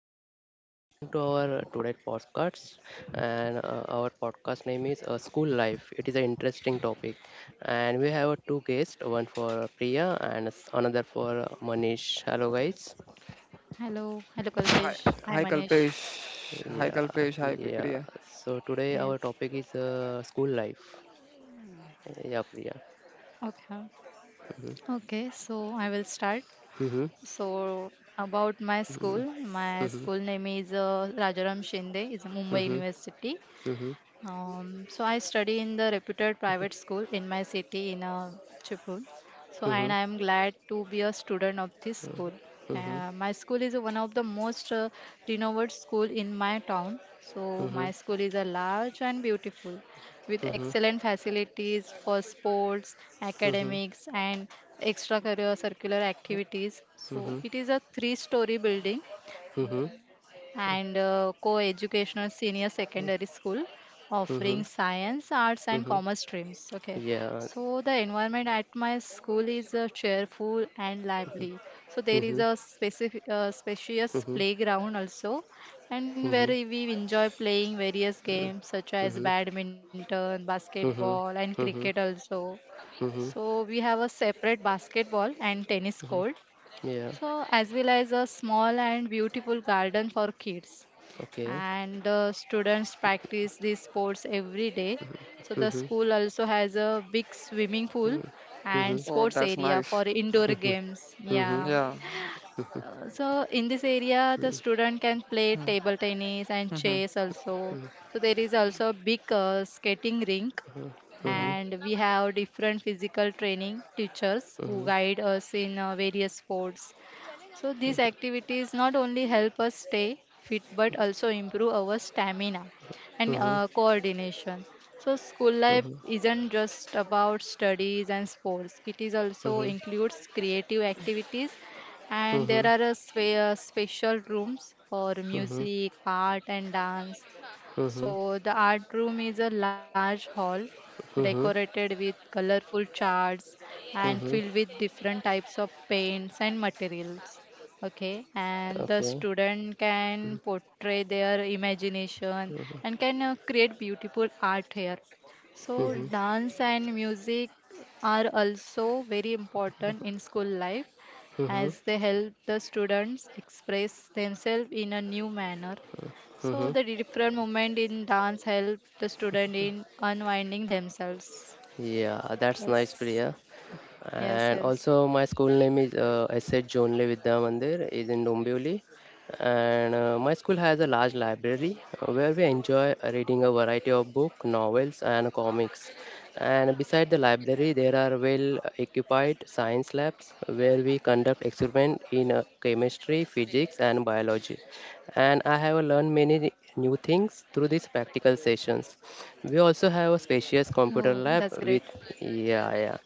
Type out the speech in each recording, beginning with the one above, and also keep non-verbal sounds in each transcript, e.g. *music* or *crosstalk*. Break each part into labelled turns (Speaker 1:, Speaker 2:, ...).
Speaker 1: Welcome to our today podcast, and our podcast name is School Life. It is an interesting topic, and we have two guests, one for Priya and another for Manish. Hello guys.
Speaker 2: Hello, hello
Speaker 3: Hi,
Speaker 2: Kalpesh.
Speaker 3: hi
Speaker 2: Hi Manish.
Speaker 3: Kalpesh. Hi
Speaker 1: Yeah,
Speaker 3: Kalpesh. Hi
Speaker 1: yeah.
Speaker 3: Priya.
Speaker 1: So today our topic
Speaker 2: Yes.
Speaker 1: is school life. Yeah, Priya.
Speaker 2: Okay.
Speaker 1: Mhm.
Speaker 2: Okay, so I will start.
Speaker 1: Mhm.
Speaker 2: So about
Speaker 1: Mhm.
Speaker 2: my
Speaker 1: Mhm.
Speaker 2: school name is Rajaram Shinde. It's a Mumbai
Speaker 1: Mhm.
Speaker 2: University.
Speaker 1: Mhm.
Speaker 2: So I study in the reputed private school in my city in Chipul. So and
Speaker 1: Mhm.
Speaker 2: I am glad to be a student of this school.
Speaker 1: Mhm.
Speaker 2: My school is one of the most renowned school in my town. So
Speaker 1: Mhm.
Speaker 2: my school is a large and beautiful with
Speaker 1: Mhm.
Speaker 2: excellent facilities for sports,
Speaker 1: Mhm.
Speaker 2: academics and extracurricular circular activities. So
Speaker 1: Mhm.
Speaker 2: it is a three-story building
Speaker 1: Mhm.
Speaker 2: and co-educational senior secondary school offering
Speaker 1: Mhm.
Speaker 2: science, arts, and commerce
Speaker 1: Mhm.
Speaker 2: streams. Okay, so
Speaker 1: Yeah.
Speaker 2: the environment at my school is cheerful and lively. So there is
Speaker 1: Mhm.
Speaker 2: a specific, spacious
Speaker 1: Mhm.
Speaker 2: playground also, and where
Speaker 1: Mhm.
Speaker 2: we enjoy playing various games such as
Speaker 1: Mhm.
Speaker 2: badminton, basketball,
Speaker 1: Mhm.
Speaker 2: and cricket
Speaker 1: Mhm.
Speaker 2: also.
Speaker 1: Mhm.
Speaker 2: So we have a separate basketball and tennis court.
Speaker 1: Yeah.
Speaker 2: So as well as a small and beautiful garden for kids
Speaker 1: Okay.
Speaker 2: and the students practice these sports every day. So the
Speaker 1: Mhm.
Speaker 2: school also has a big swimming pool and
Speaker 1: Mhm.
Speaker 3: Oh,
Speaker 2: sports
Speaker 3: that's
Speaker 2: area for
Speaker 3: nice.
Speaker 2: indoor
Speaker 1: Mhm.
Speaker 2: games.
Speaker 1: Mhm.
Speaker 2: Yeah.
Speaker 3: Yeah.
Speaker 2: So in this area, the student can play
Speaker 3: Hmm.
Speaker 2: table tennis and
Speaker 3: Mhm.
Speaker 2: chess also. So there is also a big skating rink
Speaker 1: Mhm.
Speaker 3: Mhm.
Speaker 1: Mhm.
Speaker 2: and we have different physical training teachers who
Speaker 1: Mhm.
Speaker 2: guide us in various sports so these activities not only help us stay fit but also improve our stamina and
Speaker 1: Mhm.
Speaker 2: coordination. So school life
Speaker 1: Mhm.
Speaker 2: isn't just about studies and sports. It is also
Speaker 1: Mhm.
Speaker 2: includes creative activities and there
Speaker 1: Mhm.
Speaker 2: are a special rooms for music, art and dance
Speaker 1: Mhm.
Speaker 2: so, the art room is a large hall
Speaker 1: Mhm.
Speaker 2: decorated with colorful charts and filled
Speaker 1: Mhm.
Speaker 2: with different types of paints and materials. Okay, and the
Speaker 1: Okay.
Speaker 2: student can portray their imagination
Speaker 1: Mhm.
Speaker 2: and can create beautiful art here. So,
Speaker 1: Mhm.
Speaker 2: dance and music are also very important in school life
Speaker 1: Mhm.
Speaker 2: as they help the students express themselves in a new manner so
Speaker 1: Mhm.
Speaker 2: the different movement in dance help the student in unwinding themselves.
Speaker 1: Yeah, that's nice,
Speaker 2: Yes.
Speaker 1: Priya.
Speaker 2: Yes,
Speaker 1: And
Speaker 2: yes.
Speaker 1: also, my school name is S.H. Jonle Vidya Mandir, is in Dombivli. And my school has a large library where we enjoy reading a variety of books, novels, and comics. And beside the library, there are well-equipped science labs where we conduct experiments in chemistry, physics, and biology. And I have learned many new things through these practical sessions. We also have a
Speaker 2: Oh, that's
Speaker 1: spacious
Speaker 2: great.
Speaker 1: computer lab with yeah, yeah,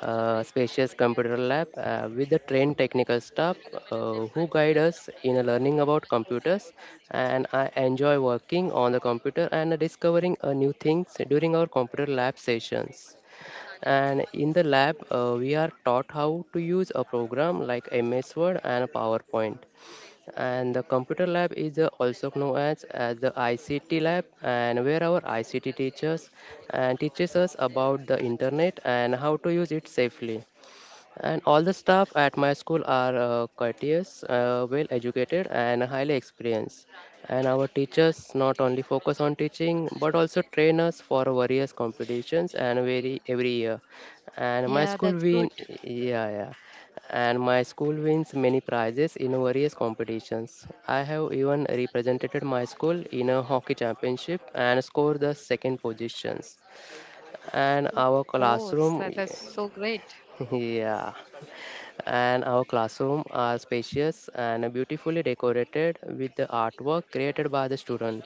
Speaker 1: spacious computer lab with the trained technical staff who guide us in learning about computers, and I enjoy working on the computer and discovering new things during our computer lab sessions. And in the lab, we are taught how to use a program like MS Word and PowerPoint, and the computer lab is also known as the ICT lab, and where our ICT teachers and teaches us about the internet and how to use it safely, and all the staff at my school are courteous, well educated, and highly experienced. And our teachers not only focus on teaching but also train us for various competitions and very every year. And my
Speaker 2: Yeah,
Speaker 1: school
Speaker 2: that's
Speaker 1: win,
Speaker 2: good.
Speaker 1: yeah, yeah. And my school wins many prizes in various competitions. I have even represented my school in a hockey championship and scored the second positions.
Speaker 2: Good.
Speaker 1: And
Speaker 2: Oh,
Speaker 1: our
Speaker 2: so that's so
Speaker 1: classroom,
Speaker 2: great.
Speaker 1: *laughs* yeah, and our classroom are spacious and beautifully decorated with the artwork created by the student,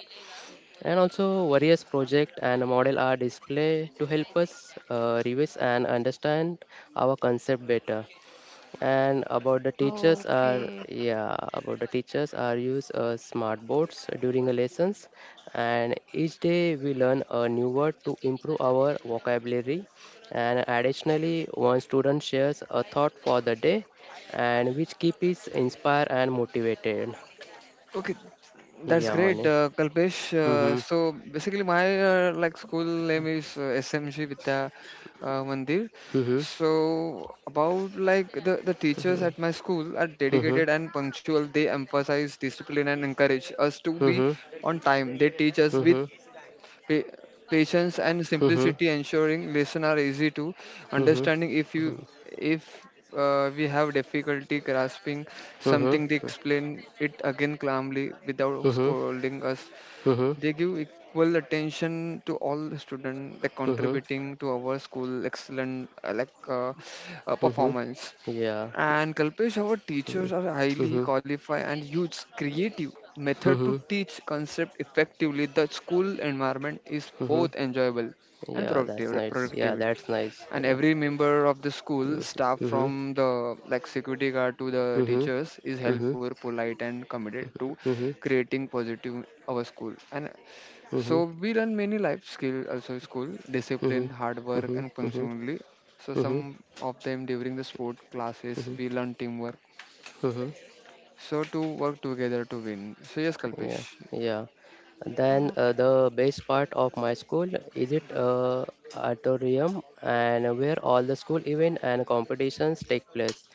Speaker 1: and also various project and model are displayed to help us revise and understand our concept better. And about the teachers are
Speaker 2: Okay.
Speaker 1: yeah, about the teachers are use smart boards during the lessons, and each day we learn a new word to improve our vocabulary. And additionally, one student shares a thought for the day, and which keep is inspired and motivated.
Speaker 3: Okay, that's
Speaker 1: Yeah,
Speaker 3: great,
Speaker 1: money.
Speaker 3: Kalpesh. Uh,
Speaker 1: Mm-hmm.
Speaker 3: so basically, my like school name is SMG Vidya Mandir.
Speaker 1: Mm-hmm.
Speaker 3: So about like the teachers at my school are
Speaker 1: Mm-hmm.
Speaker 3: dedicated and punctual. They emphasize discipline and encourage us to be
Speaker 1: Mm-hmm.
Speaker 3: on time. They teach us with
Speaker 1: Mm-hmm.
Speaker 3: pa- patience and
Speaker 1: Mm-hmm. Mm-hmm.
Speaker 3: simplicity, ensuring lesson are easy to
Speaker 1: Mm-hmm.
Speaker 3: understanding. If we have difficulty grasping
Speaker 1: Mm-hmm.
Speaker 3: something, they explain it again calmly without
Speaker 1: Mm-hmm.
Speaker 3: scolding us.
Speaker 1: Mm-hmm.
Speaker 3: They give equal attention to all the students, like
Speaker 1: Mm-hmm.
Speaker 3: contributing to our school excellent
Speaker 1: Mm-hmm.
Speaker 3: performance.
Speaker 1: Yeah.
Speaker 3: And Kalpesh, our teachers
Speaker 1: Mm-hmm.
Speaker 3: are highly
Speaker 1: Mm-hmm.
Speaker 3: qualified and use creative method to
Speaker 1: Mm-hmm.
Speaker 3: teach concept effectively. The school environment is
Speaker 1: Mm-hmm.
Speaker 3: both enjoyable and
Speaker 1: Yeah, that's
Speaker 3: productive,
Speaker 1: nice. Yeah,
Speaker 3: productive.
Speaker 1: that's nice.
Speaker 3: And
Speaker 1: Yeah.
Speaker 3: every member of the school staff,
Speaker 1: Mm-hmm. Mm-hmm.
Speaker 3: from the like security guard to the teachers, is
Speaker 1: Mm-hmm.
Speaker 3: helpful, polite, and committed to
Speaker 1: Mm-hmm. Mm-hmm.
Speaker 3: creating positive our school. And so
Speaker 1: Mm-hmm.
Speaker 3: we learn many life skills also in school:
Speaker 1: Mm-hmm.
Speaker 3: discipline, hard work
Speaker 1: Mm-hmm.
Speaker 3: and
Speaker 1: Mm-hmm.
Speaker 3: punctuality. So
Speaker 1: Mm-hmm.
Speaker 3: some of them during the sport classes, we learn teamwork.
Speaker 1: Mm-hmm.
Speaker 3: So to work together to win. So yes, Kalpesh.
Speaker 1: Yeah, yeah. Then
Speaker 2: Ah, okay.
Speaker 1: the best part of my school is it auditorium, and where all the school event and competitions take place.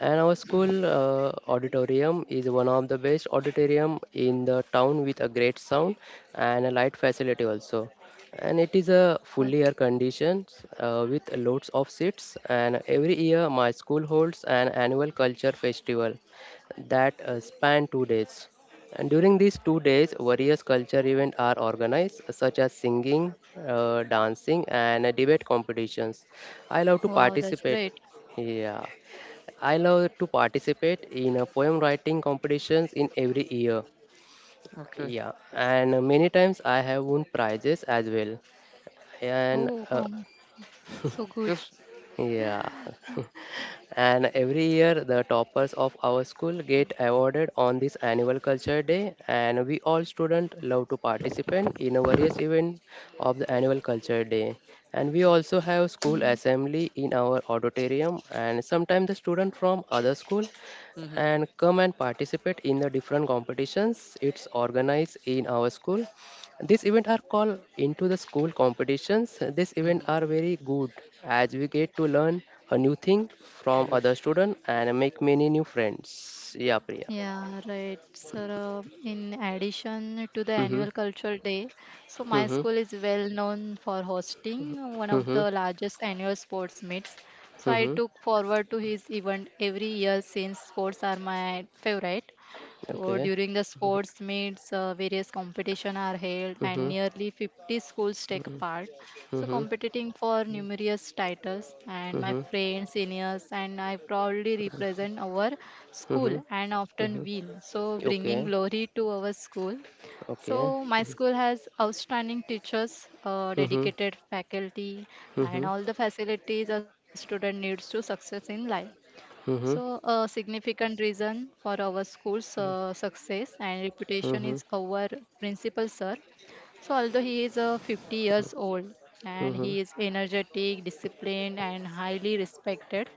Speaker 1: And our school auditorium is one of the best auditorium in the town with a great sound and a light facility also. And it is a
Speaker 2: Oh,
Speaker 1: fully air conditioned with loads of seats. And every year my school holds an annual culture festival that span 2 days. And during these 2 days, various culture events are organized, such as singing, dancing, and debate competitions. I love to
Speaker 2: wow, that's
Speaker 1: participate.
Speaker 2: great.
Speaker 1: Yeah, I love to participate in poem writing competitions in every year.
Speaker 3: Okay.
Speaker 1: Yeah, and many times I have won prizes as well. And
Speaker 2: Oh, come. So good.
Speaker 3: Yes.
Speaker 1: yeah. *laughs* And every year, the toppers of our school get awarded on this annual culture day, and we all students love to participate in a various event of the annual culture day. And we also have school
Speaker 2: Mm.
Speaker 1: assembly in our auditorium, and sometimes the student from other school
Speaker 3: Mm-hmm.
Speaker 1: and come and participate in the different competitions it's organized in our school. These events are called into the school competitions. These events
Speaker 3: Mm-hmm.
Speaker 1: are very good as we get to learn a new thing from other
Speaker 3: Yes,
Speaker 1: students and make many new friends. Yeah, Priya.
Speaker 2: Yeah, right. So, in addition to the
Speaker 1: Mm-hmm.
Speaker 2: annual cultural day, so my
Speaker 1: Mm-hmm.
Speaker 2: school is well known for hosting one of
Speaker 1: Mm-hmm.
Speaker 2: the largest annual sports meets. So I
Speaker 1: Mm-hmm.
Speaker 2: took forward to his event every year since sports are my favorite. So
Speaker 1: Okay.
Speaker 2: during the sports meets, various competition are held and
Speaker 1: Mm-hmm.
Speaker 2: nearly 50 schools take
Speaker 1: Mm-hmm.
Speaker 2: part. So
Speaker 1: Mm-hmm.
Speaker 2: competing for numerous titles and my friends, seniors and I proudly represent our
Speaker 1: Mm-hmm.
Speaker 2: school and
Speaker 1: Mm-hmm.
Speaker 2: often win. So bringing
Speaker 1: Okay.
Speaker 2: glory to our school.
Speaker 1: Okay.
Speaker 2: So my school has outstanding teachers,
Speaker 1: Mm-hmm.
Speaker 2: dedicated faculty and
Speaker 1: Mm-hmm.
Speaker 2: all the facilities a student needs to success in life.
Speaker 1: Mm-hmm.
Speaker 2: So, a significant reason for our school's success and reputation
Speaker 1: Mm-hmm.
Speaker 2: is our principal, sir. So, although he is 50 years old and
Speaker 1: Mm-hmm.
Speaker 2: he is energetic, disciplined, and highly respected,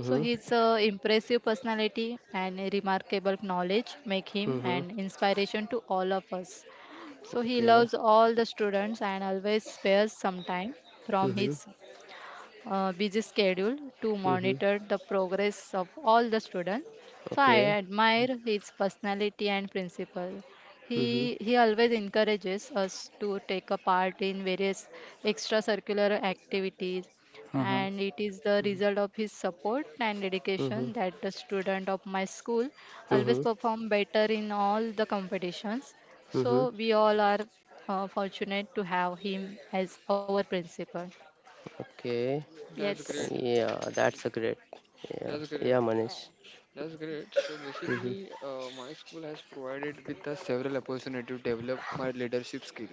Speaker 2: so his impressive personality and remarkable knowledge make him
Speaker 1: Mm-hmm.
Speaker 2: an inspiration to all of us. So, he
Speaker 1: Okay.
Speaker 2: loves all the students and always spares some time from
Speaker 1: Mm-hmm.
Speaker 2: his busy schedule to
Speaker 1: Mm-hmm.
Speaker 2: monitor the progress of all the students. So I
Speaker 1: Okay.
Speaker 2: admire his personality and principle.
Speaker 1: Mm-hmm.
Speaker 2: He always encourages us to take a part in various extracurricular activities
Speaker 1: Mm-hmm.
Speaker 2: and it is the result of his support and
Speaker 1: Mhm.
Speaker 2: dedication that the student of my school always
Speaker 1: Mhm.
Speaker 2: perform better in all the competitions
Speaker 1: Mhm.
Speaker 2: so we all are fortunate to have him as our principal.
Speaker 1: Okay.
Speaker 2: Yes.
Speaker 3: that's great.
Speaker 1: Yeah, that's a great. Yeah.
Speaker 3: That's great.
Speaker 1: Yeah, Manish.
Speaker 3: That's great. So
Speaker 1: Mhm.
Speaker 3: basically, my school has provided with us several opportunity to develop my leadership skill,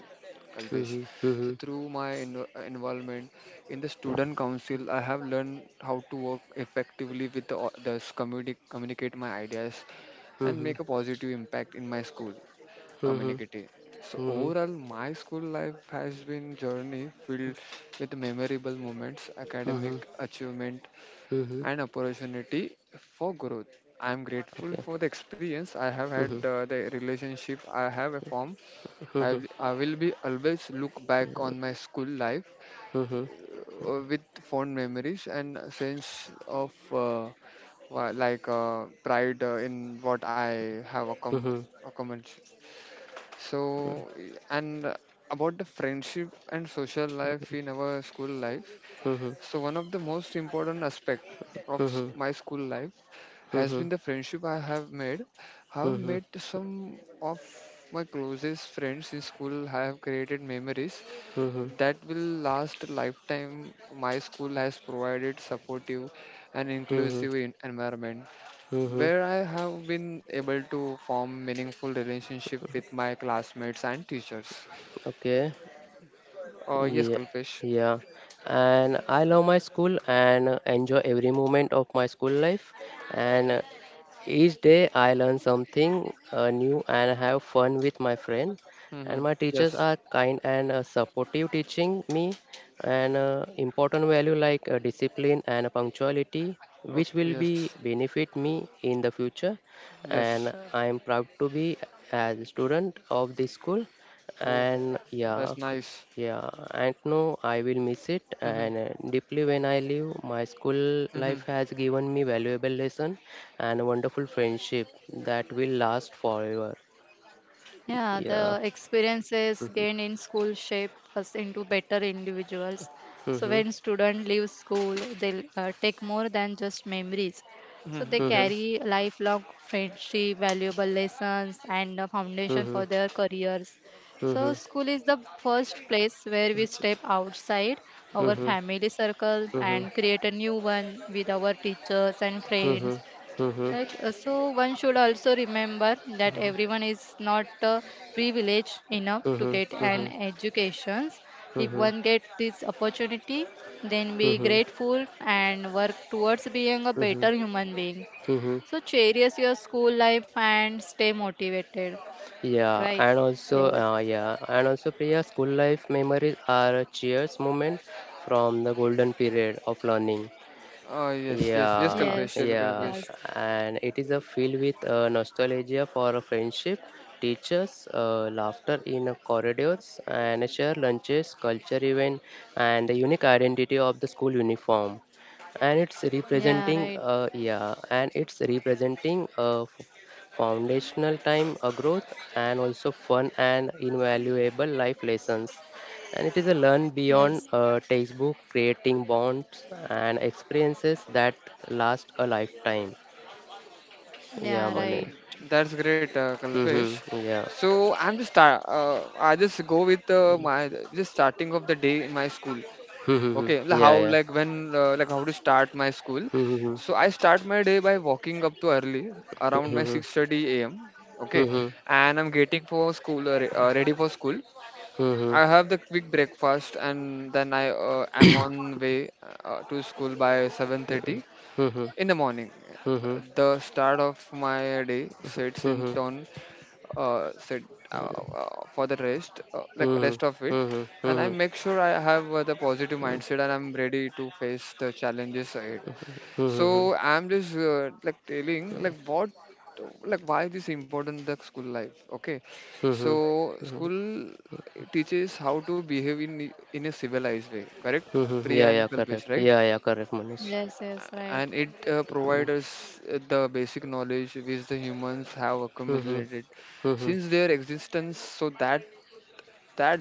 Speaker 3: Kalpesh.
Speaker 1: Mhm.
Speaker 3: So
Speaker 1: Mhm.
Speaker 3: through my involvement in the student council, I have learned how to work effectively with the others, communicate my ideas, and
Speaker 1: Mhm.
Speaker 3: make a positive impact in my school
Speaker 1: Mhm.
Speaker 3: community. So
Speaker 1: Mhm.
Speaker 3: overall, my school life has been journey filled with memorable moments,
Speaker 1: Mhm.
Speaker 3: academic achievement,
Speaker 1: Mhm.
Speaker 3: and opportunity for growth. I am grateful
Speaker 1: Okay.
Speaker 3: for the experience I have had,
Speaker 1: Mhm.
Speaker 3: the relationship I have formed. I,
Speaker 1: Mhm.
Speaker 3: I will be always look back on my school life
Speaker 1: Mhm.
Speaker 3: with fond memories and a sense of pride in what I have
Speaker 1: Mhm.
Speaker 3: accomplished. So, and about the friendship and social life in our school life,
Speaker 1: Mhm. Mhm.
Speaker 3: so one of the most important aspect of
Speaker 1: Mhm.
Speaker 3: my school life has
Speaker 1: Mhm.
Speaker 3: been the friendship I have made. I have
Speaker 1: Mhm.
Speaker 3: made some of my closest friends in school. I have created memories
Speaker 1: Mhm.
Speaker 3: that will last a lifetime. My school has provided supportive and inclusive environment
Speaker 1: Mhm.
Speaker 3: where I have been able to form meaningful relationship with my classmates and teachers.
Speaker 1: Okay.
Speaker 3: Yes,
Speaker 1: Yeah,
Speaker 3: Kalpesh.
Speaker 1: yeah. And I love my school and enjoy every moment of my school life. And each day I learn something new and have fun with my friend.
Speaker 3: Mm-hmm.
Speaker 1: And my teachers
Speaker 3: Yes.
Speaker 1: are kind and supportive, teaching me an important value like discipline and punctuality,
Speaker 3: Okay.
Speaker 1: which will be
Speaker 3: Yes.
Speaker 1: benefit me in the future.
Speaker 3: Yes.
Speaker 1: And I am proud to be as a student of this school.
Speaker 3: Oh.
Speaker 1: And
Speaker 3: That's
Speaker 1: yeah,
Speaker 3: nice.
Speaker 1: yeah, and no, I will miss it.
Speaker 3: Mm-hmm.
Speaker 1: And deeply when I leave, my school life
Speaker 3: Mm-hmm.
Speaker 1: has given me valuable lesson and wonderful friendship that will last forever.
Speaker 2: Yeah,
Speaker 1: Yeah.
Speaker 2: the experiences
Speaker 1: Mm-hmm.
Speaker 2: gained in school shape us into better individuals. So when student leave school, they take more than just memories. So they
Speaker 3: Mm-hmm.
Speaker 1: Mm-hmm.
Speaker 3: Yes.
Speaker 2: carry lifelong friendship, valuable lessons, and a
Speaker 1: Hmm.
Speaker 2: foundation
Speaker 1: Hmm.
Speaker 2: for their careers. So
Speaker 1: Hmm.
Speaker 2: school is the first place where we step outside our
Speaker 3: Mhm.
Speaker 1: Hmm.
Speaker 2: family circles
Speaker 1: Hmm.
Speaker 2: and create a new one with our teachers and
Speaker 1: Hmm.
Speaker 2: friends.
Speaker 1: Hmm.
Speaker 2: Right. So one should also remember that everyone is not privileged enough to
Speaker 1: Hmm.
Speaker 2: get an education. If one gets this opportunity, then be
Speaker 1: Hmm.
Speaker 2: grateful and work towards being a
Speaker 1: Hmm.
Speaker 2: better human being.
Speaker 1: Hmm.
Speaker 2: So cherish your school life and stay motivated. Right. Yes.
Speaker 1: Yeah, and also, Priya, school life memories are a cheers moment from the golden period of learning.
Speaker 3: Oh yes, yes, yes,
Speaker 1: Yeah,
Speaker 2: Yes.
Speaker 3: Kalpesh, yes,
Speaker 1: yeah,
Speaker 2: Yes.
Speaker 3: Kalpesh.
Speaker 1: and it is a filled with nostalgia for a friendship, teachers, laughter in corridors, and share lunches, culture event, and the unique identity of the school uniform. And it's
Speaker 2: Yeah. Right.
Speaker 1: representing, yeah, and it's representing foundational time, growth, and also fun and invaluable life lessons. And it is a learn beyond
Speaker 2: Yes.
Speaker 1: a textbook, creating bonds and experiences that last a lifetime. Yeah,
Speaker 2: Yeah.
Speaker 3: Okay,
Speaker 2: Right.
Speaker 1: Manish.
Speaker 3: that's great, Kalpesh.
Speaker 1: Mm-hmm. Yeah.
Speaker 3: So I'm just start. I just go with my just starting of the day in my school.
Speaker 1: Mm-hmm.
Speaker 3: Okay, like
Speaker 1: Yeah,
Speaker 3: how
Speaker 1: yeah.
Speaker 3: like when like how to start my school.
Speaker 1: Mm-hmm.
Speaker 3: So I start my day by walking up to early, around my
Speaker 1: Mm-hmm.
Speaker 3: 6:30 a.m. Okay,
Speaker 1: Mm-hmm.
Speaker 3: and I'm getting for school ready for school.
Speaker 1: Mm-hmm.
Speaker 3: I have the quick breakfast and then I am on way to school by 7:30
Speaker 1: Mm-hmm.
Speaker 3: in the morning.
Speaker 1: Mm-hmm.
Speaker 3: The start of my day sets
Speaker 1: Mm-hmm.
Speaker 3: in
Speaker 1: Mm-hmm.
Speaker 3: tone set uh, for the rest of
Speaker 1: Mm-hmm.
Speaker 3: it, and I
Speaker 1: Mm-hmm.
Speaker 3: make sure I have the positive mindset and I'm ready to face the challenges ahead.
Speaker 1: Mm-hmm.
Speaker 3: So I'm just like telling like what like why this important the school life. Okay,
Speaker 1: Mm-hmm.
Speaker 3: so school teaches how to behave in a civilized way. Correct,
Speaker 1: Mm-hmm.
Speaker 3: Priya
Speaker 1: Yeah,
Speaker 3: and
Speaker 1: yeah,
Speaker 3: Kalpesh,
Speaker 1: correct.
Speaker 3: right?
Speaker 1: Yeah, yeah, correct, Manish.
Speaker 2: Yes. Yes. Right.
Speaker 3: And it
Speaker 1: Mm-hmm.
Speaker 3: provides us the basic knowledge which the humans have
Speaker 1: Hmm.
Speaker 3: accumulated
Speaker 1: Hmm.
Speaker 3: since their existence, so that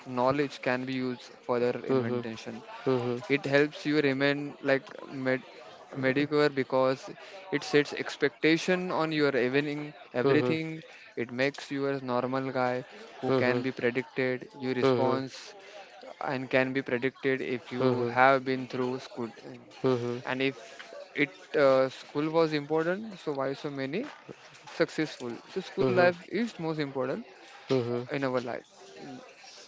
Speaker 3: knowledge can be used for their
Speaker 1: Hmm. Hmm.
Speaker 3: invention.
Speaker 1: Hmm.
Speaker 3: It helps you remain like med- mediocre because it sets expectation on your evening
Speaker 1: Hmm.
Speaker 3: everything. It makes you a normal guy who can be predicted. Your
Speaker 1: Hmm.
Speaker 3: response and can be predicted if you
Speaker 1: Hmm.
Speaker 3: have been through school.
Speaker 1: Mhm.
Speaker 3: And if it school was important, so why so many successful? So school
Speaker 1: Mhm.
Speaker 3: life is most important
Speaker 1: Mhm.
Speaker 3: in our life.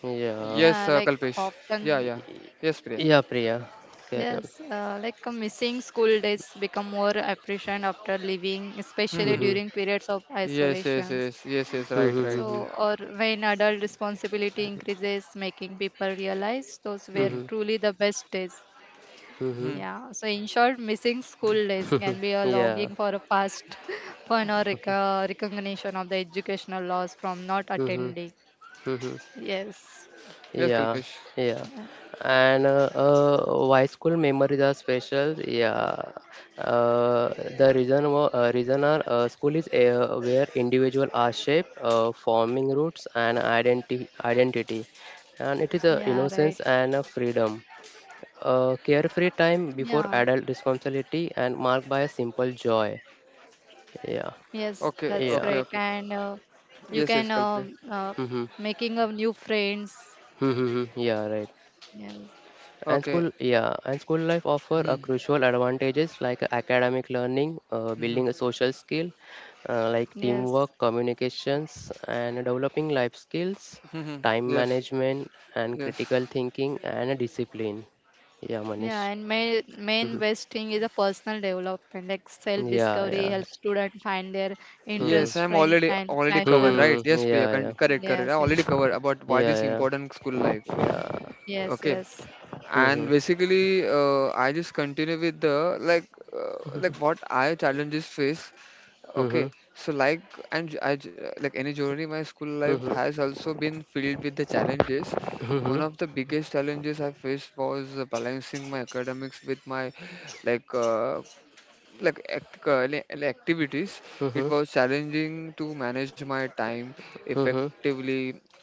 Speaker 1: Yeah.
Speaker 2: Yeah.
Speaker 3: Yes,
Speaker 2: Like
Speaker 3: Kalpesh.
Speaker 2: often.
Speaker 3: Yeah, yeah. Yes, Priya.
Speaker 1: Yeah, Priya. Carry on.
Speaker 2: Yes, like missing school days become more appreciated after leaving, especially
Speaker 3: Hmm.
Speaker 1: Mhm.
Speaker 2: during periods of
Speaker 3: Yes, yes,
Speaker 2: isolations.
Speaker 3: yes, yes, yes,
Speaker 1: Mhm.
Speaker 3: right, right.
Speaker 1: Mhm.
Speaker 2: So, or when adult responsibility increases, making people realize those were
Speaker 3: Mm-hmm.
Speaker 1: Mhm.
Speaker 2: truly the best days.
Speaker 1: Mhm.
Speaker 3: Hmm.
Speaker 2: Yeah. So, in short, missing school days can be a
Speaker 1: Yeah.
Speaker 2: longing for a past *laughs* fun or recognition of the educational loss from not
Speaker 1: Mhm.
Speaker 2: attending.
Speaker 1: Mhm.
Speaker 2: Yes.
Speaker 3: Yes,
Speaker 1: Yeah.
Speaker 3: Kalpesh.
Speaker 1: Yeah.
Speaker 2: Uh,
Speaker 1: And why school memories are special? Yeah. The reason are school is where individual are shaped, forming roots and identity, and it is a
Speaker 2: yeah. Right.
Speaker 1: innocence and a freedom. Carefree time
Speaker 2: Yeah.
Speaker 1: before adult responsibility and marked by a simple joy. Yeah,
Speaker 2: Yes,
Speaker 3: Okay,
Speaker 2: that's
Speaker 1: yeah,
Speaker 3: okay,
Speaker 2: great.
Speaker 3: okay.
Speaker 2: And you
Speaker 3: Yes, yes,
Speaker 2: can
Speaker 3: Kalpesh.
Speaker 2: uh,
Speaker 1: mm-hmm.
Speaker 2: making of new friends.
Speaker 1: Mm-hmm. Yeah, right.
Speaker 2: Yes,
Speaker 1: And
Speaker 3: Okay.
Speaker 1: school, yeah, and school life offer a
Speaker 3: Hmm.
Speaker 1: crucial advantages like academic learning,
Speaker 3: Hmm.
Speaker 1: building a social skill, like
Speaker 2: yes.
Speaker 1: teamwork, communications, and developing life skills,
Speaker 3: Hmm.
Speaker 1: time
Speaker 3: Yes,
Speaker 1: management, and critical
Speaker 3: yes.
Speaker 1: thinking and discipline. Yeah,
Speaker 2: Yeah,
Speaker 1: Manish.
Speaker 2: and main
Speaker 1: Mm-hmm.
Speaker 2: best thing is a personal development, like
Speaker 1: Yeah,
Speaker 2: self-discovery
Speaker 1: yeah.
Speaker 2: helps students find their
Speaker 3: Yes,
Speaker 2: interests,
Speaker 3: I'm
Speaker 1: Mm-hmm.
Speaker 2: strengths,
Speaker 3: already
Speaker 2: and
Speaker 3: already covered,
Speaker 2: passions.
Speaker 3: right?
Speaker 1: Mm-hmm.
Speaker 3: Yes, Priya,
Speaker 1: Yeah, yeah.
Speaker 3: correct, correct. I
Speaker 2: Yes,
Speaker 3: already
Speaker 2: yes,
Speaker 3: covered about why this
Speaker 1: Yeah,
Speaker 3: important school
Speaker 1: yeah,
Speaker 3: life.
Speaker 1: yeah.
Speaker 2: yes,
Speaker 3: Okay.
Speaker 2: yes.
Speaker 1: Mhm,
Speaker 3: And basically, I just continue with the like. Like what I challenges face. Okay,
Speaker 1: mhm,
Speaker 3: so like and like any journey, my school life
Speaker 1: mhm,
Speaker 3: has also been filled with the challenges.
Speaker 1: mhm,
Speaker 3: One of the biggest challenges I faced was balancing my academics with my like uh, activities. It
Speaker 1: mhm,
Speaker 3: was challenging to manage my time
Speaker 1: mhm,
Speaker 3: effectively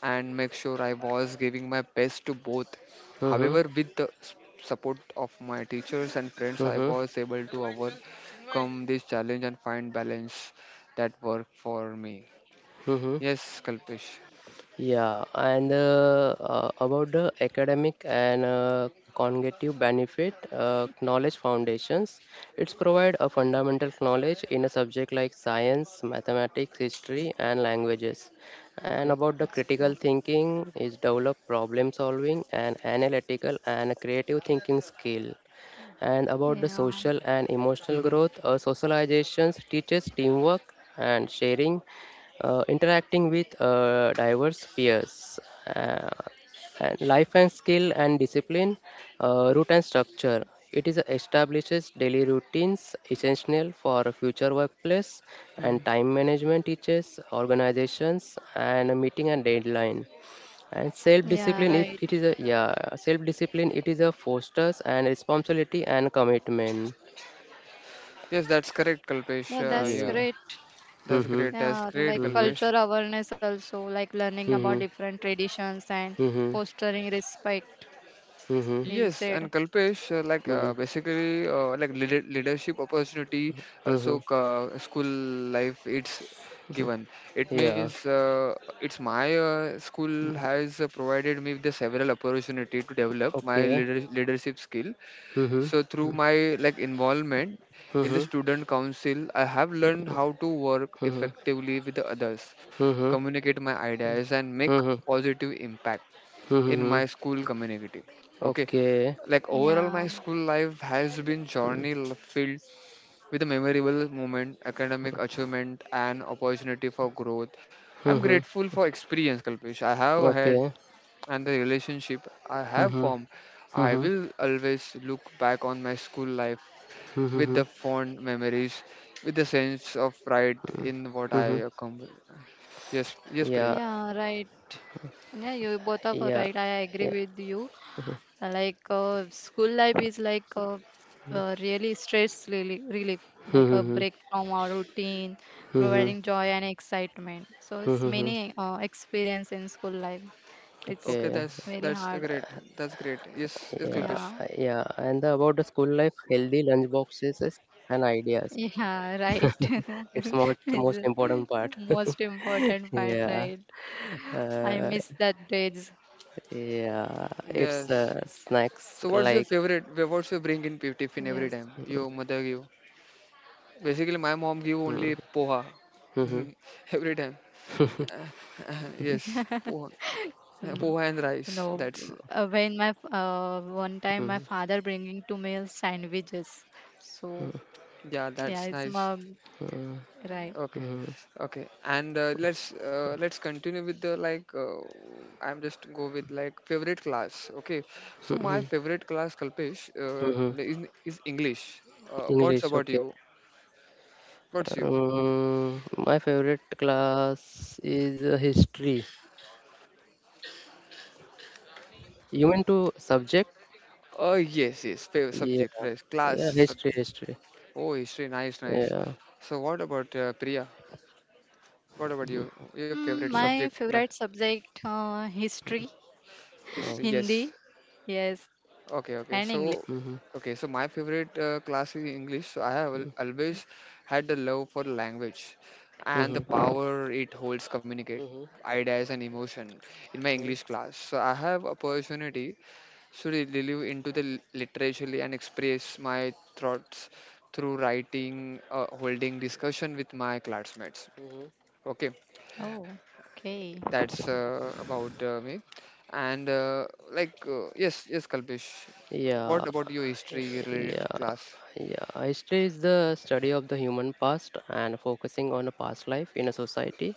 Speaker 3: and make sure I was giving my best to both.
Speaker 1: mhm,
Speaker 3: However, with the support of my teachers and friends, I
Speaker 1: mhm,
Speaker 3: was able to overcome this challenge and find balance that worked for me.
Speaker 1: mhm.
Speaker 3: Yes, Kalpesh.
Speaker 1: Yeah, and about the academic and cognitive benefit, knowledge foundations, it's provide a fundamental knowledge in a subject like science, mathematics, history, and languages.
Speaker 3: Okay.
Speaker 1: And about the critical
Speaker 2: So,
Speaker 1: thinking is develop problem solving and analytical and creative thinking skill, and about the
Speaker 2: yeah,
Speaker 1: social and emotional
Speaker 3: *laughs*
Speaker 1: growth. Socializations teaches teamwork and sharing, interacting with diverse peers, uh, and life and skill and discipline, root and structure. It is establishes daily routines essential for future workplace
Speaker 3: Hmm.
Speaker 1: and time management teaches organizations and meeting and deadline and
Speaker 2: yeah,
Speaker 1: self-discipline
Speaker 2: right.
Speaker 1: it is a yeah self-discipline it is a fosters and responsibility and commitment
Speaker 3: Yes, that's correct, Kalpesh,
Speaker 2: Yeah, that's
Speaker 3: you.
Speaker 1: yeah.
Speaker 2: great.
Speaker 3: That's
Speaker 1: Mm-hmm.
Speaker 3: great, that's
Speaker 2: Yeah,
Speaker 3: great,
Speaker 2: like
Speaker 1: Mm-hmm.
Speaker 3: Kalpesh.
Speaker 2: culture awareness also, like learning about
Speaker 1: Mm-hmm.
Speaker 2: different traditions and
Speaker 1: Mm-hmm.
Speaker 2: fostering respect.
Speaker 1: Mm-hmm.
Speaker 2: You
Speaker 3: Yes,
Speaker 2: said,
Speaker 3: and Kalpesh,
Speaker 1: Mm-hmm.
Speaker 3: basically, leadership opportunity,
Speaker 1: Mm-hmm.
Speaker 3: also school life, it's given. It
Speaker 1: Yeah,
Speaker 3: means it's my school has provided me with the several opportunity to develop my
Speaker 1: okay.
Speaker 3: leadership skill.
Speaker 1: Mm-hmm.
Speaker 3: So through my like involvement in
Speaker 1: Mm-hmm.
Speaker 3: the student council, I have learned how to work
Speaker 1: Mm-hmm.
Speaker 3: effectively with the others,
Speaker 1: Mm-hmm.
Speaker 3: communicate my ideas, and make
Speaker 1: Mm-hmm.
Speaker 3: positive impact in
Speaker 1: Mm-hmm.
Speaker 3: my school community. Okay,
Speaker 1: Okay.
Speaker 3: like
Speaker 2: yeah,
Speaker 3: overall, my school life has been filled with a memorable moment, academic achievement, and opportunity for growth. I'm
Speaker 1: Mm-hmm.
Speaker 3: grateful for experience, Kalpesh. I have had
Speaker 1: Okay.
Speaker 3: and the relationship I have
Speaker 1: Mm-hmm.
Speaker 3: formed. I
Speaker 1: Mm-hmm.
Speaker 3: will always look back on my school life with
Speaker 1: Mm-hmm.
Speaker 3: the fond memories, with the sense of pride in what I
Speaker 1: Mm-hmm.
Speaker 3: accomplished. Yes, yes, Priya.
Speaker 1: Yeah,
Speaker 2: yeah, right. Yeah, you both of are
Speaker 1: yeah,
Speaker 2: right. I agree
Speaker 1: yeah.
Speaker 2: with you. Like school life is like really stress really, relief, like a
Speaker 1: Mm-hmm.
Speaker 2: break from our routine,
Speaker 1: Mm-hmm.
Speaker 2: providing joy and excitement. So it's
Speaker 1: Mm-hmm.
Speaker 2: many experience in school life. It's
Speaker 3: Okay,
Speaker 1: Okay,
Speaker 2: very
Speaker 3: that's the
Speaker 2: hard.
Speaker 3: great. That's great. Yes, yes,
Speaker 1: yeah,
Speaker 3: Kalpesh.
Speaker 2: Yeah,
Speaker 1: yeah. And the, about the school life, healthy lunch boxes is- and ideas.
Speaker 2: yeah, right.
Speaker 1: *laughs* It's
Speaker 2: *laughs*
Speaker 1: not the
Speaker 2: It's
Speaker 1: most
Speaker 2: the
Speaker 1: important part. *laughs*
Speaker 2: most important part,
Speaker 1: Yeah,
Speaker 2: right? I
Speaker 1: uh,
Speaker 2: miss that days.
Speaker 1: yeah. It's
Speaker 3: Yes.
Speaker 1: snacks
Speaker 3: So what's your
Speaker 1: like
Speaker 3: favorite? What's your bring
Speaker 2: Yes.
Speaker 3: in tiffin every time your mother give? Basically, my mom give only poha
Speaker 1: hmm,
Speaker 3: *laughs* every time. Uh, uh, Yes, poha. Yeah,
Speaker 2: Mm,
Speaker 3: poha and rice.
Speaker 2: no,
Speaker 3: That's
Speaker 2: when one time my
Speaker 1: hmm,
Speaker 2: father bringing to me sandwiches. So
Speaker 3: yeah, that's
Speaker 2: yeah, it's
Speaker 3: nice.
Speaker 2: my
Speaker 1: hmm,
Speaker 2: right.
Speaker 3: Okay,
Speaker 1: hmm,
Speaker 3: okay. And let's continue with the like. I'm just go with like favorite class. Okay, so my
Speaker 1: hmm,
Speaker 3: favorite class, Kalpesh,
Speaker 1: hmm.
Speaker 3: is English. What's
Speaker 1: English.
Speaker 3: about
Speaker 1: Okay.
Speaker 3: you? What's you?
Speaker 1: My favorite class is history. You mean to subject?
Speaker 3: Oh yes, yes. Favorite
Speaker 1: Yeah,
Speaker 3: subject, right? Class
Speaker 1: yeah. History,
Speaker 3: subject.
Speaker 1: history.
Speaker 3: Oh, history, nice, nice.
Speaker 1: Yeah.
Speaker 3: So what about Priya? What about you? Your
Speaker 2: Mm,
Speaker 3: favorite
Speaker 1: Mm.
Speaker 2: my
Speaker 3: subject class?
Speaker 2: favorite subject history,
Speaker 1: Oh.
Speaker 3: History,
Speaker 2: *laughs*
Speaker 3: yes.
Speaker 2: Hindi, yes, and
Speaker 3: Okay, okay.
Speaker 2: English.
Speaker 3: So,
Speaker 1: Mm-hmm.
Speaker 3: okay. So my favorite class is English. So I have always had the love for language and the
Speaker 1: Mm-hmm.
Speaker 3: power it holds communicate
Speaker 1: Mm-hmm.
Speaker 3: ideas and emotion in my English class. So I have opportunity. Should relive into the literaturely and express my thoughts through writing, holding discussion with my classmates.
Speaker 1: Mm-hmm.
Speaker 3: Okay,
Speaker 2: Oh, okay.
Speaker 3: that's about me. And like yes, yes, Kalpesh. What
Speaker 1: Yeah.
Speaker 3: about your history related
Speaker 1: Yeah.
Speaker 3: class?
Speaker 1: Yeah. History is the study of the human past and focusing on a past life in a society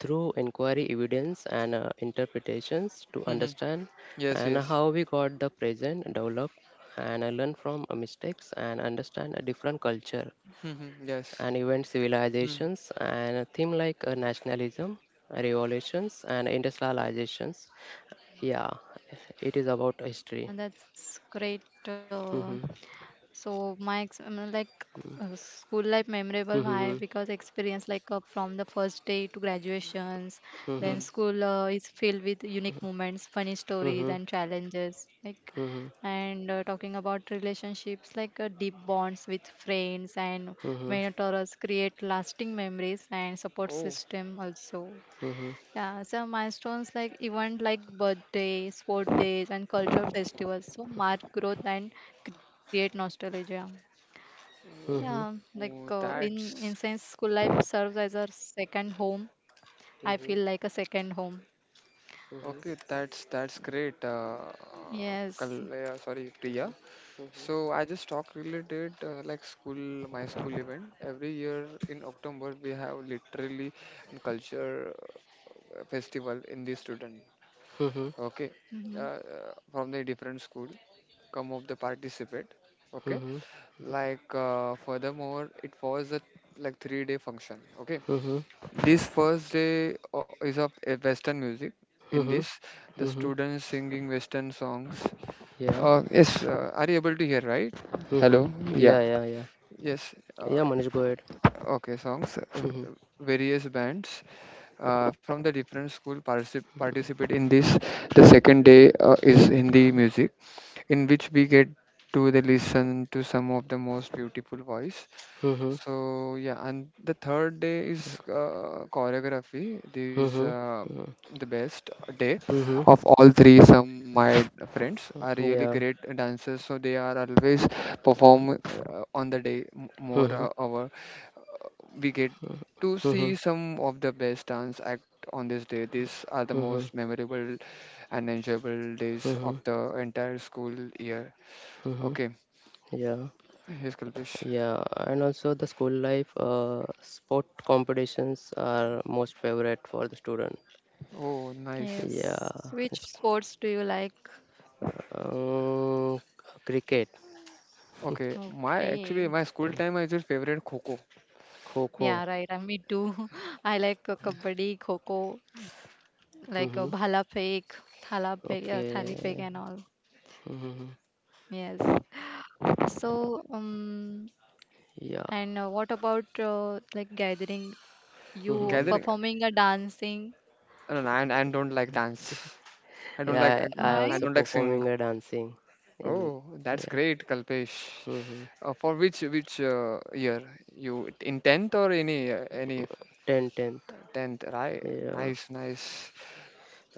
Speaker 1: through inquiry, evidence, and interpretations to
Speaker 3: Mm-hmm.
Speaker 1: understand
Speaker 3: Yes,
Speaker 1: and
Speaker 3: yes.
Speaker 1: how we got the present, develop, and learn from mistakes and understand a different culture
Speaker 3: Mm-hmm. Yes.
Speaker 1: and event
Speaker 3: Mm-hmm.
Speaker 1: civilizations and a theme like nationalism, revolutions, and industrializations. Yeah, it is about history.
Speaker 2: Yeah, that's great. Uh,
Speaker 1: Mm-hmm.
Speaker 2: So my ex- I mean, like school life memorable why
Speaker 1: Mm-hmm.
Speaker 2: because experience like from the first day to graduations
Speaker 1: Mm-hmm.
Speaker 2: then school is filled with unique moments funny stories
Speaker 1: Mm-hmm.
Speaker 2: and challenges like
Speaker 1: Mm-hmm.
Speaker 2: and talking about relationships like deep bonds with friends and
Speaker 1: Mm-hmm.
Speaker 2: mentors create lasting memories and support
Speaker 3: Oh,
Speaker 2: system also
Speaker 1: Mm-hmm.
Speaker 2: yeah, so milestones like event like birthday, sport days, and cultural festivals so mark growth and create nostalgia.
Speaker 1: Mm-hmm.
Speaker 2: Yeah,
Speaker 1: Mm-hmm.
Speaker 3: oh,
Speaker 2: like uh,
Speaker 3: oh,
Speaker 2: in in
Speaker 3: that's
Speaker 2: sense, school life serves as a second home. I
Speaker 1: Mm-hmm.
Speaker 2: feel like a second home.
Speaker 1: Mm-hmm.
Speaker 3: okay. That's great.
Speaker 2: Yes.
Speaker 3: Kal- yeah, sorry, Priya. So I just talk related like school, my school event. Every year in October we have literally a culture festival in the student. Okay, uh,
Speaker 2: Hmm.
Speaker 3: uh, from the different school come up the participate. Okay, like furthermore it was a like 3-day function. Okay,
Speaker 1: Mm-hmm.
Speaker 3: this first day is of Western music. In
Speaker 1: Mm-hmm.
Speaker 3: this, the
Speaker 1: Mm-hmm.
Speaker 3: students singing Western songs.
Speaker 1: Yeah.
Speaker 3: Yes, are you able to hear right?
Speaker 1: Mm-hmm.
Speaker 3: Hello, yeah.
Speaker 1: Yeah, yeah, yeah.
Speaker 3: Yes,
Speaker 1: Yeah, Manish, go ahead.
Speaker 3: okay, songs.
Speaker 1: Mm-hmm.
Speaker 3: Various bands from the different school participate in this. The second day is Hindi music, in which we get to the listen to some of the most beautiful voice.
Speaker 1: Mm-hmm.
Speaker 3: So yeah, and the third day is choreography. This is
Speaker 1: Mm-hmm.
Speaker 3: the best day
Speaker 1: Mm-hmm.
Speaker 3: of all three. Some my friends are really
Speaker 1: Yeah.
Speaker 3: great dancers, so they are always perform on the day more
Speaker 1: Mm-hmm.
Speaker 3: hours we get to
Speaker 1: Mm-hmm.
Speaker 3: see some of the best dance act on this day. These are the
Speaker 1: Mm-hmm.
Speaker 3: most memorable and enjoyable days of
Speaker 1: Mm-hmm.
Speaker 3: the entire school year.
Speaker 1: Mm-hmm.
Speaker 3: Okay,
Speaker 1: Yeah.
Speaker 3: here's Kalpesh.
Speaker 1: Yeah, and also the school life sport competitions are most favorite for the student.
Speaker 3: Oh, nice.
Speaker 2: Yes.
Speaker 1: Yeah, it's,
Speaker 2: Which sports do you like?
Speaker 1: um, cricket,
Speaker 3: Okay, my actually
Speaker 2: Okay.
Speaker 3: my school time is your favorite Coco
Speaker 1: kho kho.
Speaker 2: Yeah, right. I me too. *laughs* I like kabaddi, kho kho, like
Speaker 1: Mm-hmm.
Speaker 2: bhala fake, thala fake, thali fake,
Speaker 1: Okay.
Speaker 2: and all.
Speaker 1: Mm-hmm.
Speaker 2: Yes. So,
Speaker 1: Yeah.
Speaker 2: and what about like gathering? You
Speaker 1: Mm-hmm.
Speaker 3: gathering,
Speaker 2: performing a dancing?
Speaker 3: and I don't like dance. I don't like
Speaker 1: Yeah,
Speaker 3: I,
Speaker 1: I
Speaker 3: I
Speaker 2: Why?
Speaker 1: also
Speaker 3: don't like sing.
Speaker 1: performing a dancing in
Speaker 3: Oh, that's
Speaker 1: yeah.
Speaker 3: great, Kalpesh.
Speaker 1: Mm-hmm.
Speaker 3: For which year you in tenth or any
Speaker 1: Ten tenth.
Speaker 3: tenth? Right,
Speaker 1: Yeah.
Speaker 3: nice, nice.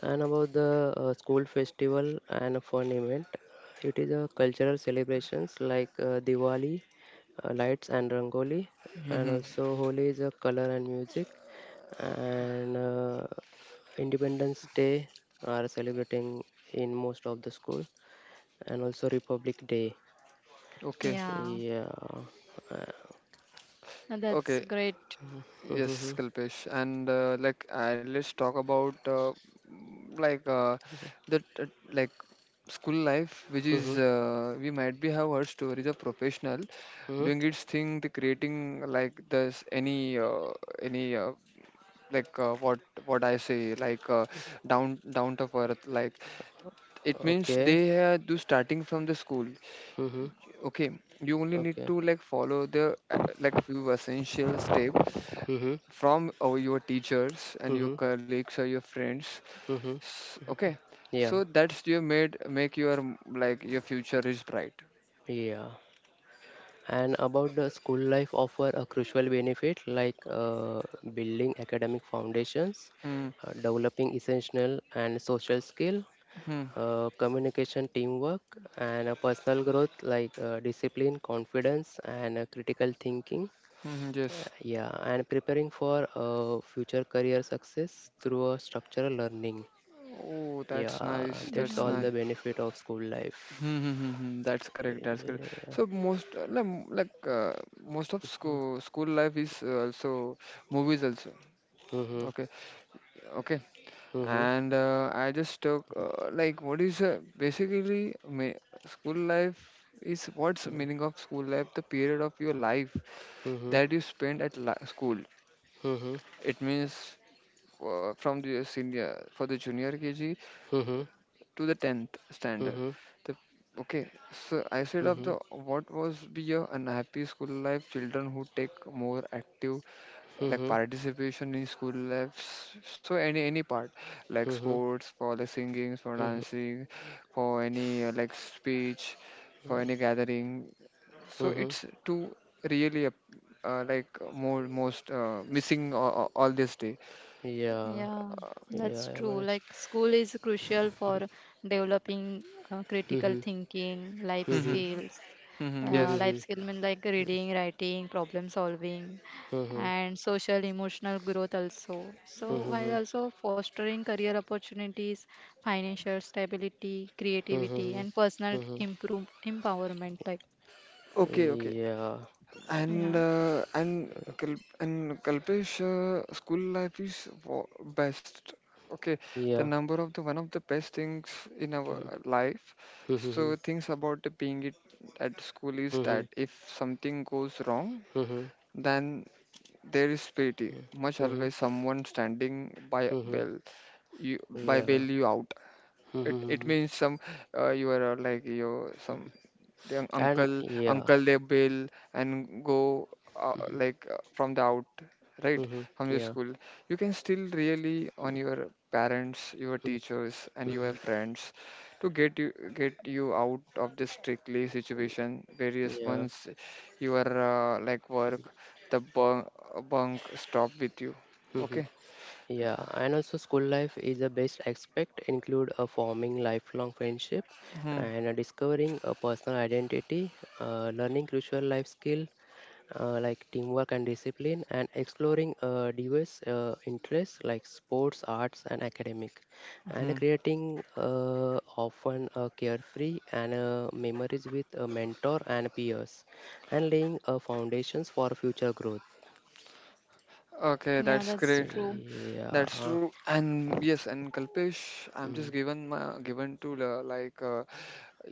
Speaker 1: And about the school festival and fun event. It is a cultural celebrations like Diwali, lights and rangoli, and
Speaker 3: Mm-hmm.
Speaker 1: also Holi is a color and music, and Independence Day are celebrating in most of the school, and also Republic Day.
Speaker 3: Okay.
Speaker 2: Yeah,
Speaker 1: Yeah. Uh,
Speaker 2: and that's
Speaker 3: Okay.
Speaker 2: great.
Speaker 3: Yes,
Speaker 1: hmm,
Speaker 3: Kalpesh. And like, let's talk about mm, like that like school life, which
Speaker 1: hmm,
Speaker 3: is we might be have heard stories of professional
Speaker 1: hmm.
Speaker 3: doing its thing, the creating like this any like what I say like down down to earth. Like it means
Speaker 1: Okay.
Speaker 3: they do starting from the school.
Speaker 1: Hmm.
Speaker 3: Okay, you only need
Speaker 1: Okay.
Speaker 3: to like follow the like few essential step
Speaker 1: Hmm,
Speaker 3: from your teachers and your
Speaker 1: hmm,
Speaker 3: colleagues or your friends.
Speaker 1: hmm.
Speaker 3: Okay,
Speaker 1: Yeah.
Speaker 3: so that's you made make your like your future is bright.
Speaker 1: Yeah, and about the school life offer a crucial benefit like building academic foundations,
Speaker 3: Hmm.
Speaker 1: developing essential and social skill,
Speaker 3: Hmm.
Speaker 1: communication, teamwork, and personal growth like discipline, confidence, and critical thinking.
Speaker 3: Hmm. Hmm, yes.
Speaker 1: Yeah, and preparing for future career success through a structural learning.
Speaker 3: Oh, that's
Speaker 1: Yeah,
Speaker 3: nice,
Speaker 1: that's
Speaker 3: that's
Speaker 2: Yeah.
Speaker 1: all
Speaker 3: nice.
Speaker 1: the benefit of school life.
Speaker 3: Hmm, hmm, hmm, hmm. That's correct. That's correct.
Speaker 1: Yeah.
Speaker 3: So most like like, most of school life is also movies also.
Speaker 1: Mm-hmm.
Speaker 3: Okay. Okay.
Speaker 1: Mm-hmm.
Speaker 3: And I just took like what is basically me school life is what's the meaning of school life? The period of your life
Speaker 1: Mhm.
Speaker 3: that you spend at la school.
Speaker 1: Mhm.
Speaker 3: It means from the senior for the junior KG
Speaker 1: Mhm.
Speaker 3: to the 10th standard.
Speaker 1: Mhm.
Speaker 3: The okay. So I said of
Speaker 1: Mhm.
Speaker 3: the what was be your unhappy school life children who take more active like
Speaker 1: Mhm.
Speaker 3: participation in school lives, so any part like
Speaker 1: Mhm.
Speaker 3: sports for the singing for
Speaker 1: Mhm.
Speaker 3: dancing for any like speech for
Speaker 1: Mhm.
Speaker 3: any gathering, so
Speaker 1: Mhm.
Speaker 3: it's too really like more most missing all this day.
Speaker 1: Yeah.
Speaker 2: Yeah,
Speaker 1: Yeah,
Speaker 2: that's
Speaker 1: I am
Speaker 2: true.
Speaker 1: honest.
Speaker 2: Like school is crucial for developing critical
Speaker 1: Mhm.
Speaker 2: thinking, life
Speaker 3: Mm-hmm.
Speaker 1: Mhm.
Speaker 2: skills.
Speaker 3: Mm-hmm. Yes.
Speaker 2: Life
Speaker 1: Mhm.
Speaker 2: skill mean like reading, writing, problem solving,
Speaker 1: Mhm.
Speaker 2: and social emotional growth also. So while
Speaker 1: Mhm.
Speaker 2: also fostering career opportunities, financial stability, creativity,
Speaker 1: Mhm.
Speaker 2: and personal
Speaker 1: Mhm.
Speaker 2: improve empowerment. Like
Speaker 3: Okay, okay.
Speaker 1: Yeah.
Speaker 3: And
Speaker 2: yeah,
Speaker 3: and Kal- and Kalpesh, school life is best. Okay, the
Speaker 1: Yeah.
Speaker 3: number of the one of the best things in our life.
Speaker 1: Mhm.
Speaker 3: So things about the being it at school is
Speaker 1: Mhm.
Speaker 3: that if something goes wrong,
Speaker 1: Mhm.
Speaker 3: then there is pity. Much
Speaker 1: Mhm.
Speaker 3: always someone standing by
Speaker 1: Mhm.
Speaker 3: bell, you by bail
Speaker 1: Yeah.
Speaker 3: you out. It
Speaker 1: Mhm.
Speaker 3: means some you are like you some the
Speaker 1: And
Speaker 3: uncle
Speaker 1: yeah.
Speaker 3: uncle they bail and go like from the out, right,
Speaker 1: Mhm.
Speaker 3: from the
Speaker 1: Yeah.
Speaker 3: school. You can still really on your parents, your teachers and your
Speaker 1: Mhm.
Speaker 3: friends to get you out of this strictly situation various
Speaker 1: Yeah.
Speaker 3: ones. Your like work the bunk, bunk stop with you.
Speaker 1: Mhm.
Speaker 3: Okay.
Speaker 1: Yeah, and also school life is the best aspect include a forming lifelong friendship
Speaker 3: Hmm.
Speaker 1: and a discovering a personal identity, learning crucial life skill like teamwork and discipline, and exploring diverse interests like sports, arts, and academic,
Speaker 3: Hmm.
Speaker 1: and creating often carefree and memories with a mentor and peers, and laying foundations for future growth.
Speaker 3: Okay,
Speaker 2: yeah,
Speaker 3: that's
Speaker 2: that's
Speaker 3: great.
Speaker 2: true.
Speaker 3: That's
Speaker 1: Yeah.
Speaker 3: true, and yes, and Kalpesh, I'm just
Speaker 1: Mm.
Speaker 3: given my given to the, like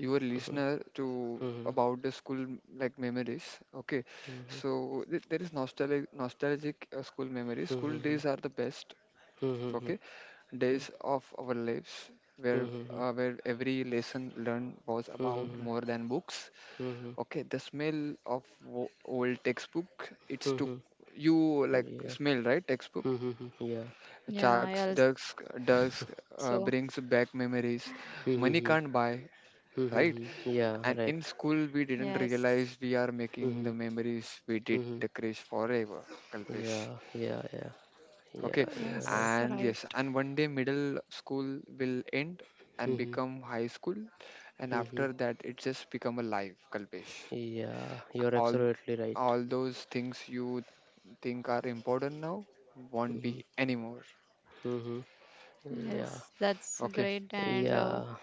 Speaker 3: your listener to
Speaker 1: Mhm,
Speaker 3: about the school like memories. Okay,
Speaker 1: mhm,
Speaker 3: so there is nostalgic nostalgic school memories. School
Speaker 1: mhm,
Speaker 3: days are the best.
Speaker 1: mhm,
Speaker 3: Okay,
Speaker 1: mhm,
Speaker 3: days of our lives where
Speaker 1: mhm,
Speaker 3: where every lesson learned was about
Speaker 1: mhm,
Speaker 3: more than books. Okay, the smell of old textbook. It's to
Speaker 1: mhm.
Speaker 3: you like
Speaker 1: Yeah.
Speaker 3: smell right textbook.
Speaker 1: Mhm, yeah.
Speaker 2: Yeah,
Speaker 3: Sharks,
Speaker 2: I
Speaker 3: ducks,
Speaker 2: also
Speaker 3: dusk brings back memories. Money
Speaker 1: Mhm,
Speaker 3: can't buy, right?
Speaker 1: mhm, yeah,
Speaker 3: And
Speaker 1: right.
Speaker 3: in school, we didn't
Speaker 2: yes,
Speaker 3: realize we are making the
Speaker 1: Mhm,
Speaker 3: memories we did
Speaker 1: mhm,
Speaker 3: cherish forever, Kalpesh.
Speaker 1: yeah, yeah, yeah, yeah,
Speaker 3: Okay,
Speaker 1: you're
Speaker 2: yes,
Speaker 1: right.
Speaker 3: and
Speaker 2: right.
Speaker 3: yes, and one day middle school will end and
Speaker 1: Mhm,
Speaker 3: become high school, and
Speaker 1: mhm,
Speaker 3: after that, it just become a life, Kalpesh.
Speaker 1: yeah, you're
Speaker 3: All,
Speaker 1: absolutely right.
Speaker 3: all those things you think are important now won't
Speaker 1: Mhm,
Speaker 3: be anymore.
Speaker 1: mhm, yeah,
Speaker 2: Yes, that's
Speaker 3: Okay,
Speaker 2: great. And
Speaker 1: yeah,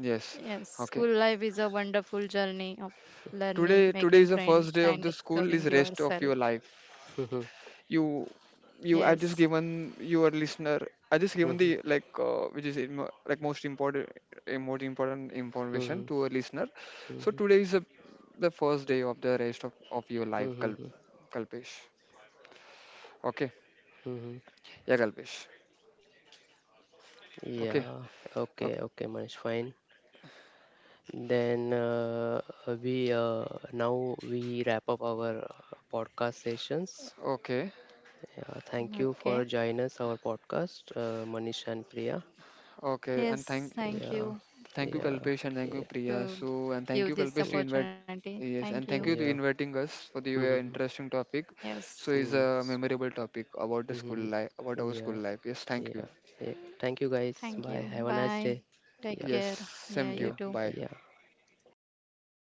Speaker 3: yes,
Speaker 2: yes,
Speaker 3: okay.
Speaker 2: school life is a wonderful journey of learning,
Speaker 3: Today today
Speaker 2: making
Speaker 3: is the
Speaker 2: friends,
Speaker 3: first day of
Speaker 2: and
Speaker 3: the school
Speaker 2: discovering
Speaker 3: is rest of
Speaker 2: yourself.
Speaker 3: your life.
Speaker 1: mhm,
Speaker 3: you you I
Speaker 2: Yes.
Speaker 3: just given your listener, I just given the
Speaker 1: mhm,
Speaker 3: like which is like most important information
Speaker 1: mhm,
Speaker 3: to a listener. So
Speaker 1: mhm,
Speaker 3: today is a, the first day of the rest of your life
Speaker 1: mhm,
Speaker 3: Kalpesh. Okay.
Speaker 1: mhm,
Speaker 3: Yeah, Kalpesh. Okay.
Speaker 1: yeah. Okay,
Speaker 3: Okay.
Speaker 1: okay, Manish, fine. Then we now we wrap up our podcast sessions.
Speaker 3: Okay.
Speaker 1: Yeah, thank you for
Speaker 2: Okay.
Speaker 1: joining us our podcast, Manish and Priya.
Speaker 3: Okay, and thank.
Speaker 2: Yes, thank
Speaker 1: Yeah,
Speaker 2: you
Speaker 3: Thank you,
Speaker 1: yeah,
Speaker 3: Kalpesh, and thank you,
Speaker 1: yeah,
Speaker 3: Priya.
Speaker 2: to
Speaker 3: So, and thank
Speaker 2: give
Speaker 3: you,
Speaker 2: this
Speaker 3: Kalpesh, to
Speaker 1: mm,
Speaker 3: invite.
Speaker 2: opportunity. Thank
Speaker 3: Yes, and
Speaker 2: you.
Speaker 3: thank you to
Speaker 1: yeah,
Speaker 3: inviting us for the
Speaker 1: mm,
Speaker 3: interesting topic.
Speaker 2: Yes.
Speaker 3: So, it's
Speaker 1: mm,
Speaker 3: a
Speaker 1: s-
Speaker 3: memorable topic about the school
Speaker 1: mm,
Speaker 3: life, about our school
Speaker 1: yeah,
Speaker 3: life. Yes, thank you.
Speaker 1: yeah, yeah. Thank you guys.
Speaker 2: Thank you.
Speaker 1: Bye. Have a nice
Speaker 2: Bye.
Speaker 1: day.
Speaker 2: Take
Speaker 1: Yeah,
Speaker 3: Yes,
Speaker 2: care. Yeah,
Speaker 3: same to
Speaker 2: you
Speaker 1: yeah,
Speaker 3: you.
Speaker 2: too.
Speaker 3: Bye.
Speaker 1: yeah.